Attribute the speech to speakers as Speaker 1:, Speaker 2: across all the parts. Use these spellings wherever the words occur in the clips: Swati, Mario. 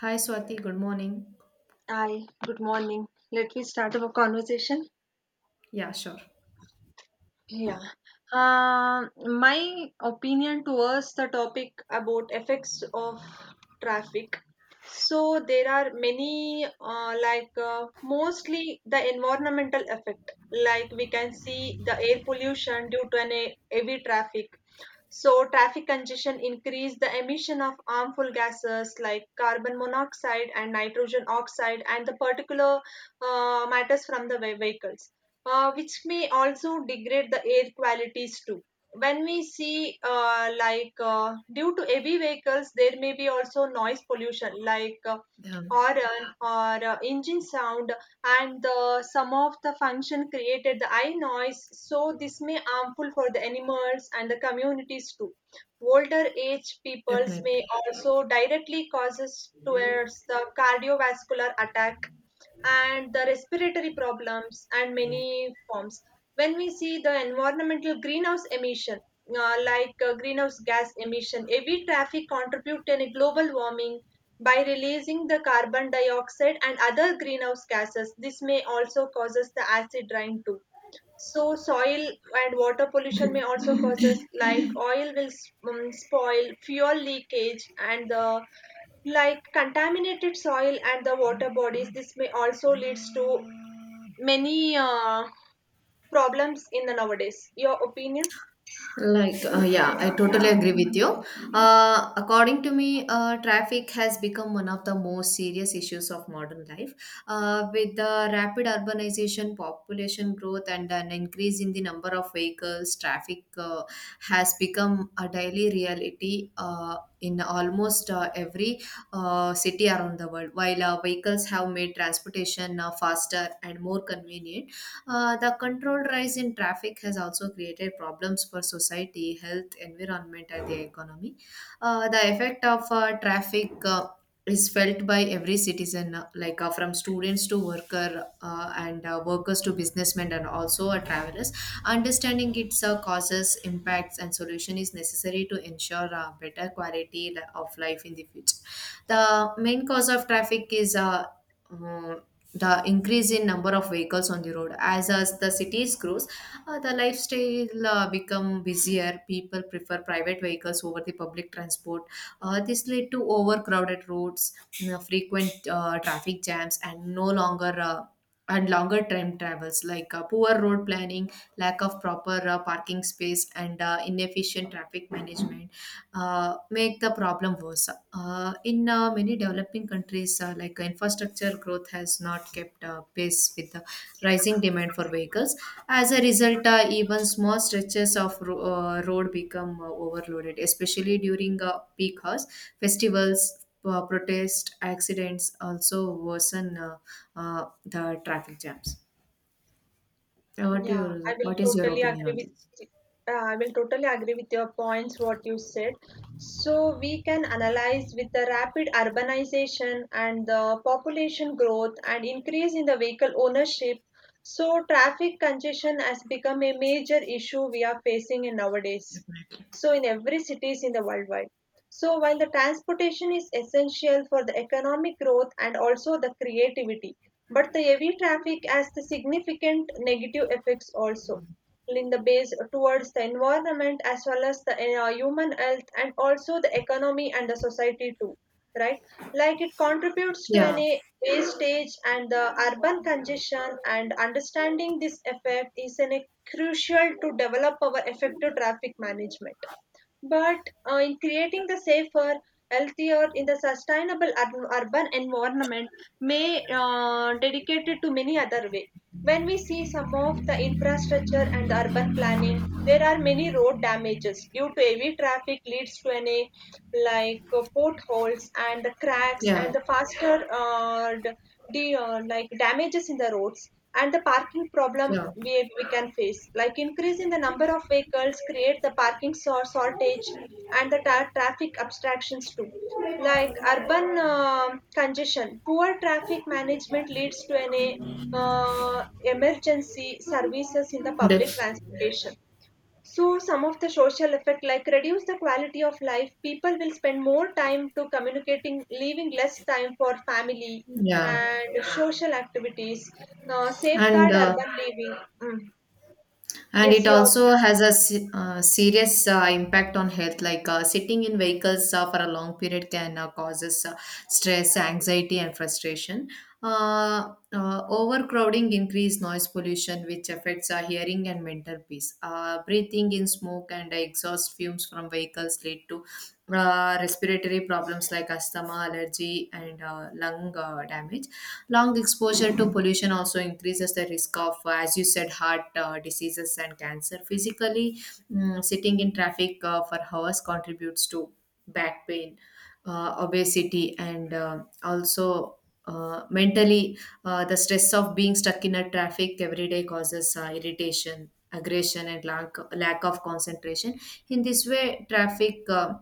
Speaker 1: Hi Swati, good morning.
Speaker 2: Hi, good morning. Let me start our conversation.
Speaker 1: Yeah, sure.
Speaker 2: Yeah. Um my opinion towards the topic about effects of traffic. So there are many, mostly the environmental effect. Like we can see the air pollution due to heavy traffic. So traffic congestion increase the emission of harmful gases like carbon monoxide and nitrogen oxide and the particular matters from the vehicles which may also degrade the air qualities too. When we see, due to heavy vehicles, there may be also noise pollution, like
Speaker 1: Yeah,
Speaker 2: horn or engine sound, and the some of the function created the eye noise. So this may harmful for the animals and the communities too. Older age peoples
Speaker 1: definitely.
Speaker 2: may also directly causes towards the cardiovascular attack and the respiratory problems and many forms when we see the environmental greenhouse emission, greenhouse gas emission heavy traffic contribute to any global warming by releasing the carbon dioxide and other greenhouse gases. This may also causes the acid rain too. So soil and water pollution may also causes like oil will spoil, fuel leakage, and the like contaminated soil and the water bodies. This may also leads to many problems in the nowadays. Your opinion?
Speaker 1: Yeah, I totally agree with you. According to me, traffic has become one of the most serious issues of modern life. With the rapid urbanization, population growth, and an increase in the number of vehicles, traffic has become a daily reality in almost every city around the world. While vehicles have made transportation faster and more convenient, the controlled rise in traffic has also created problems for society, health, environment, and the economy. The effect of traffic is felt by every citizen, from students to worker and workers to businessmen and also travelers. Understanding its causes, impacts, and solution is necessary to ensure better quality of life in the future. The main cause of traffic is mm, the increase in number of vehicles on the road as the cities grows, the lifestyle become busier, people prefer private vehicles over the public transport. This led to overcrowded roads, frequent traffic jams and no longer and longer time travels, like poor road planning, lack of proper parking space and inefficient traffic management make the problem worse. In many developing countries, infrastructure growth has not kept pace with the rising demand for vehicles. As a result, even small stretches of road become overloaded, especially during peak hours, festivals. Protest accidents also worsen the traffic jams.
Speaker 2: Yeah, I will
Speaker 1: What is your
Speaker 2: totally
Speaker 1: opinion
Speaker 2: agree
Speaker 1: on
Speaker 2: with
Speaker 1: this?
Speaker 2: your points what you said. So we can analyze with the rapid urbanization and the population growth and increase in the vehicle ownership. So traffic congestion has become a major issue we are facing in nowadays,
Speaker 1: Definitely.
Speaker 2: so in every cities in the worldwide. So while the transportation is essential for the economic growth and also the creativity, but the heavy traffic has the significant negative effects also in the base towards the environment as well as the human health and also the economy and the society too, right? Like it contributes to
Speaker 1: Yeah,
Speaker 2: any wastage and the urban congestion, and understanding this effect is a crucial to develop our effective traffic management, but in creating the safer, healthier, in the sustainable urban environment, may dedicated to many other way. When we see some of the infrastructure and the urban planning, there are many road damages due to heavy traffic leads to any like potholes and the cracks and
Speaker 1: yeah,
Speaker 2: the faster the like damages in the roads, and the parking problem
Speaker 1: yeah.
Speaker 2: we can face like increase in the number of vehicles create the parking shortage and the traffic abstractions too, like urban congestion poor traffic management leads to an emergency services in the public
Speaker 1: Def-
Speaker 2: transportation. So some of the social effect like reduce the quality of life. People will spend more time to communicating, leaving less time for family
Speaker 1: Yeah,
Speaker 2: and social activities.
Speaker 1: and
Speaker 2: Safeguard
Speaker 1: uh,
Speaker 2: urban living. Mm.
Speaker 1: and
Speaker 2: Yes,
Speaker 1: it
Speaker 2: your
Speaker 1: also has a serious impact on health. Like sitting in vehicles for a long period can causes stress, anxiety, and frustration. Overcrowding increase noise pollution, which affects our hearing and mental peace. Breathing in smoke and exhaust fumes from vehicles lead to respiratory problems like asthma, allergy, and lung damage. Long exposure to pollution also increases the risk of, as you said, heart diseases and cancer. Physically, sitting in traffic for hours contributes to back pain, obesity, and also mentally, the stress of being stuck in a traffic every day causes irritation, aggression, and lack of concentration. In this way, traffic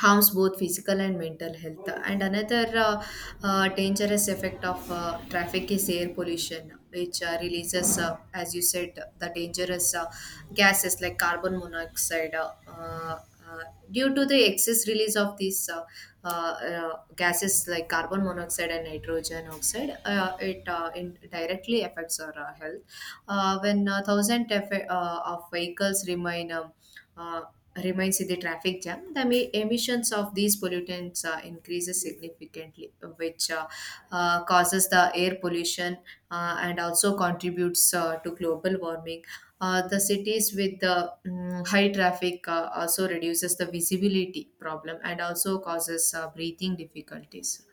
Speaker 1: harms both physical and mental health. And another dangerous effect of traffic is air pollution, which releases, as you said, the dangerous gases like carbon monoxide. Uh, Due to the excess release of these gases like carbon monoxide and nitrogen oxide, it in directly affects our health. When thousand of vehicles uh, remains in the traffic jam, the emissions of these pollutants increases significantly, which causes the air pollution and also contributes to global warming. The cities with the high traffic also reduces the visibility problem and also causes breathing difficulties,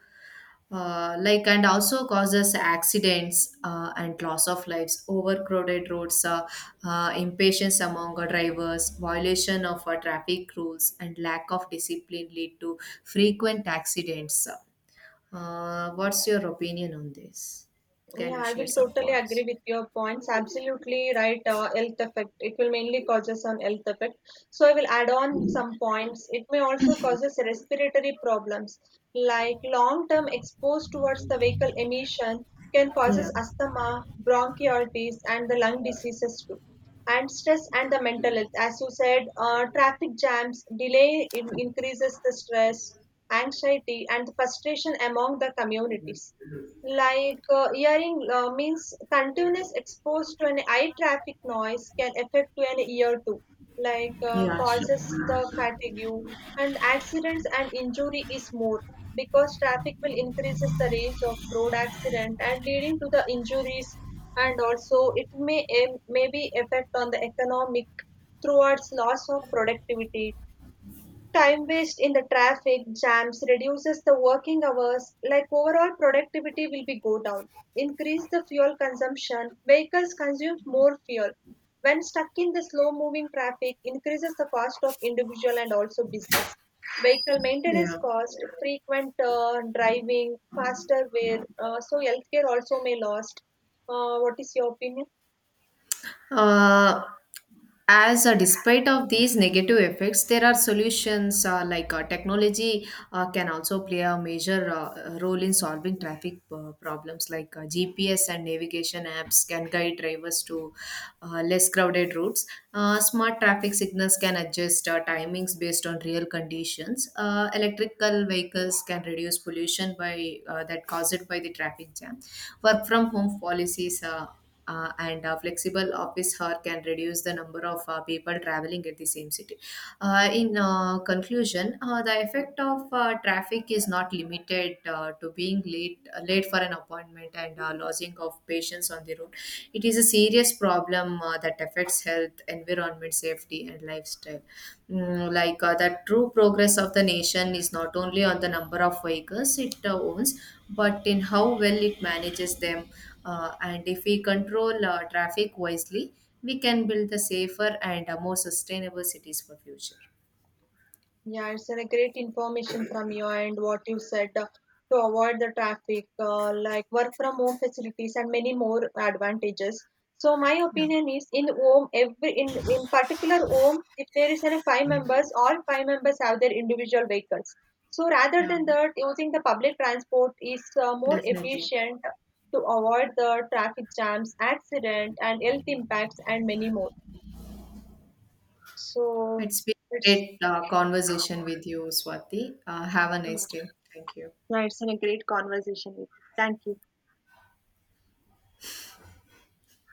Speaker 1: and also causes accidents and loss of lives. Overcrowded roads, impatience among our drivers, violation of our traffic rules and lack of discipline lead to frequent accidents. What's your opinion on this? Can
Speaker 2: Yeah,
Speaker 1: you
Speaker 2: I will
Speaker 1: share some
Speaker 2: totally
Speaker 1: points?
Speaker 2: agree with your points. Absolutely right. Health effect. It will mainly causes on health effect. So I will add on some points. It may also causes respiratory problems like long-term exposed towards the vehicle emission can causes
Speaker 1: Yeah,
Speaker 2: asthma, bronchitis, and the lung diseases too. And stress and the mental health. As you said, traffic jams delay increases the stress, anxiety, and frustration among the communities, like hearing means continuous exposed to an eye traffic noise can affect to an ear too, like
Speaker 1: yeah, sure,
Speaker 2: causes the fatigue and accidents, and injury is more because traffic will increases the rates of road accident and leading to the injuries. And also it may may be effect on the economic towards loss of productivity. Time waste in the traffic jams reduces the working hours, like overall productivity will be go down. Increase the fuel consumption, vehicles consume more fuel. When stuck in the slow moving traffic, increases the cost of individual and also business. Vehicle maintenance
Speaker 1: yeah.
Speaker 2: cost, frequent driving, faster wear, so healthcare also may lost. What is your opinion?
Speaker 1: Uh, as Despite of these negative effects, there are solutions, like technology can also play a major role in solving traffic problems, like gps and navigation apps can guide drivers to less crowded routes. Smart traffic signals can adjust timings based on real conditions. Electrical vehicles can reduce pollution by that caused by the traffic jam. Work from home policies and flexible office hour can reduce the number of people traveling at the same city. In conclusion, the effect of traffic is not limited to being late, late for an appointment and losing of patients on the road. It is a serious problem that affects health, environment, safety, and lifestyle. The true progress of the nation is not only on the number of vehicles it owns, but in how well it manages them. And if we control traffic wisely, we can build the safer and more sustainable cities for future.
Speaker 2: Yeah, it's a great information from you, and what you said, to avoid the traffic, like work from home facilities and many more advantages. So my
Speaker 1: Yeah,
Speaker 2: opinion is in home every in particular home, if there is any 5 members, all five members have their individual vehicles. So rather
Speaker 1: yeah,
Speaker 2: than that, using the public transport is more
Speaker 1: definitely.
Speaker 2: efficient to avoid the traffic jams, accident, and health impacts, and many more. So
Speaker 1: It's been a
Speaker 2: it's
Speaker 1: great conversation with you, Swati. Have a nice
Speaker 2: uh,
Speaker 1: day. Thank you.
Speaker 2: Yeah, it's been a great conversation with you. Thank you.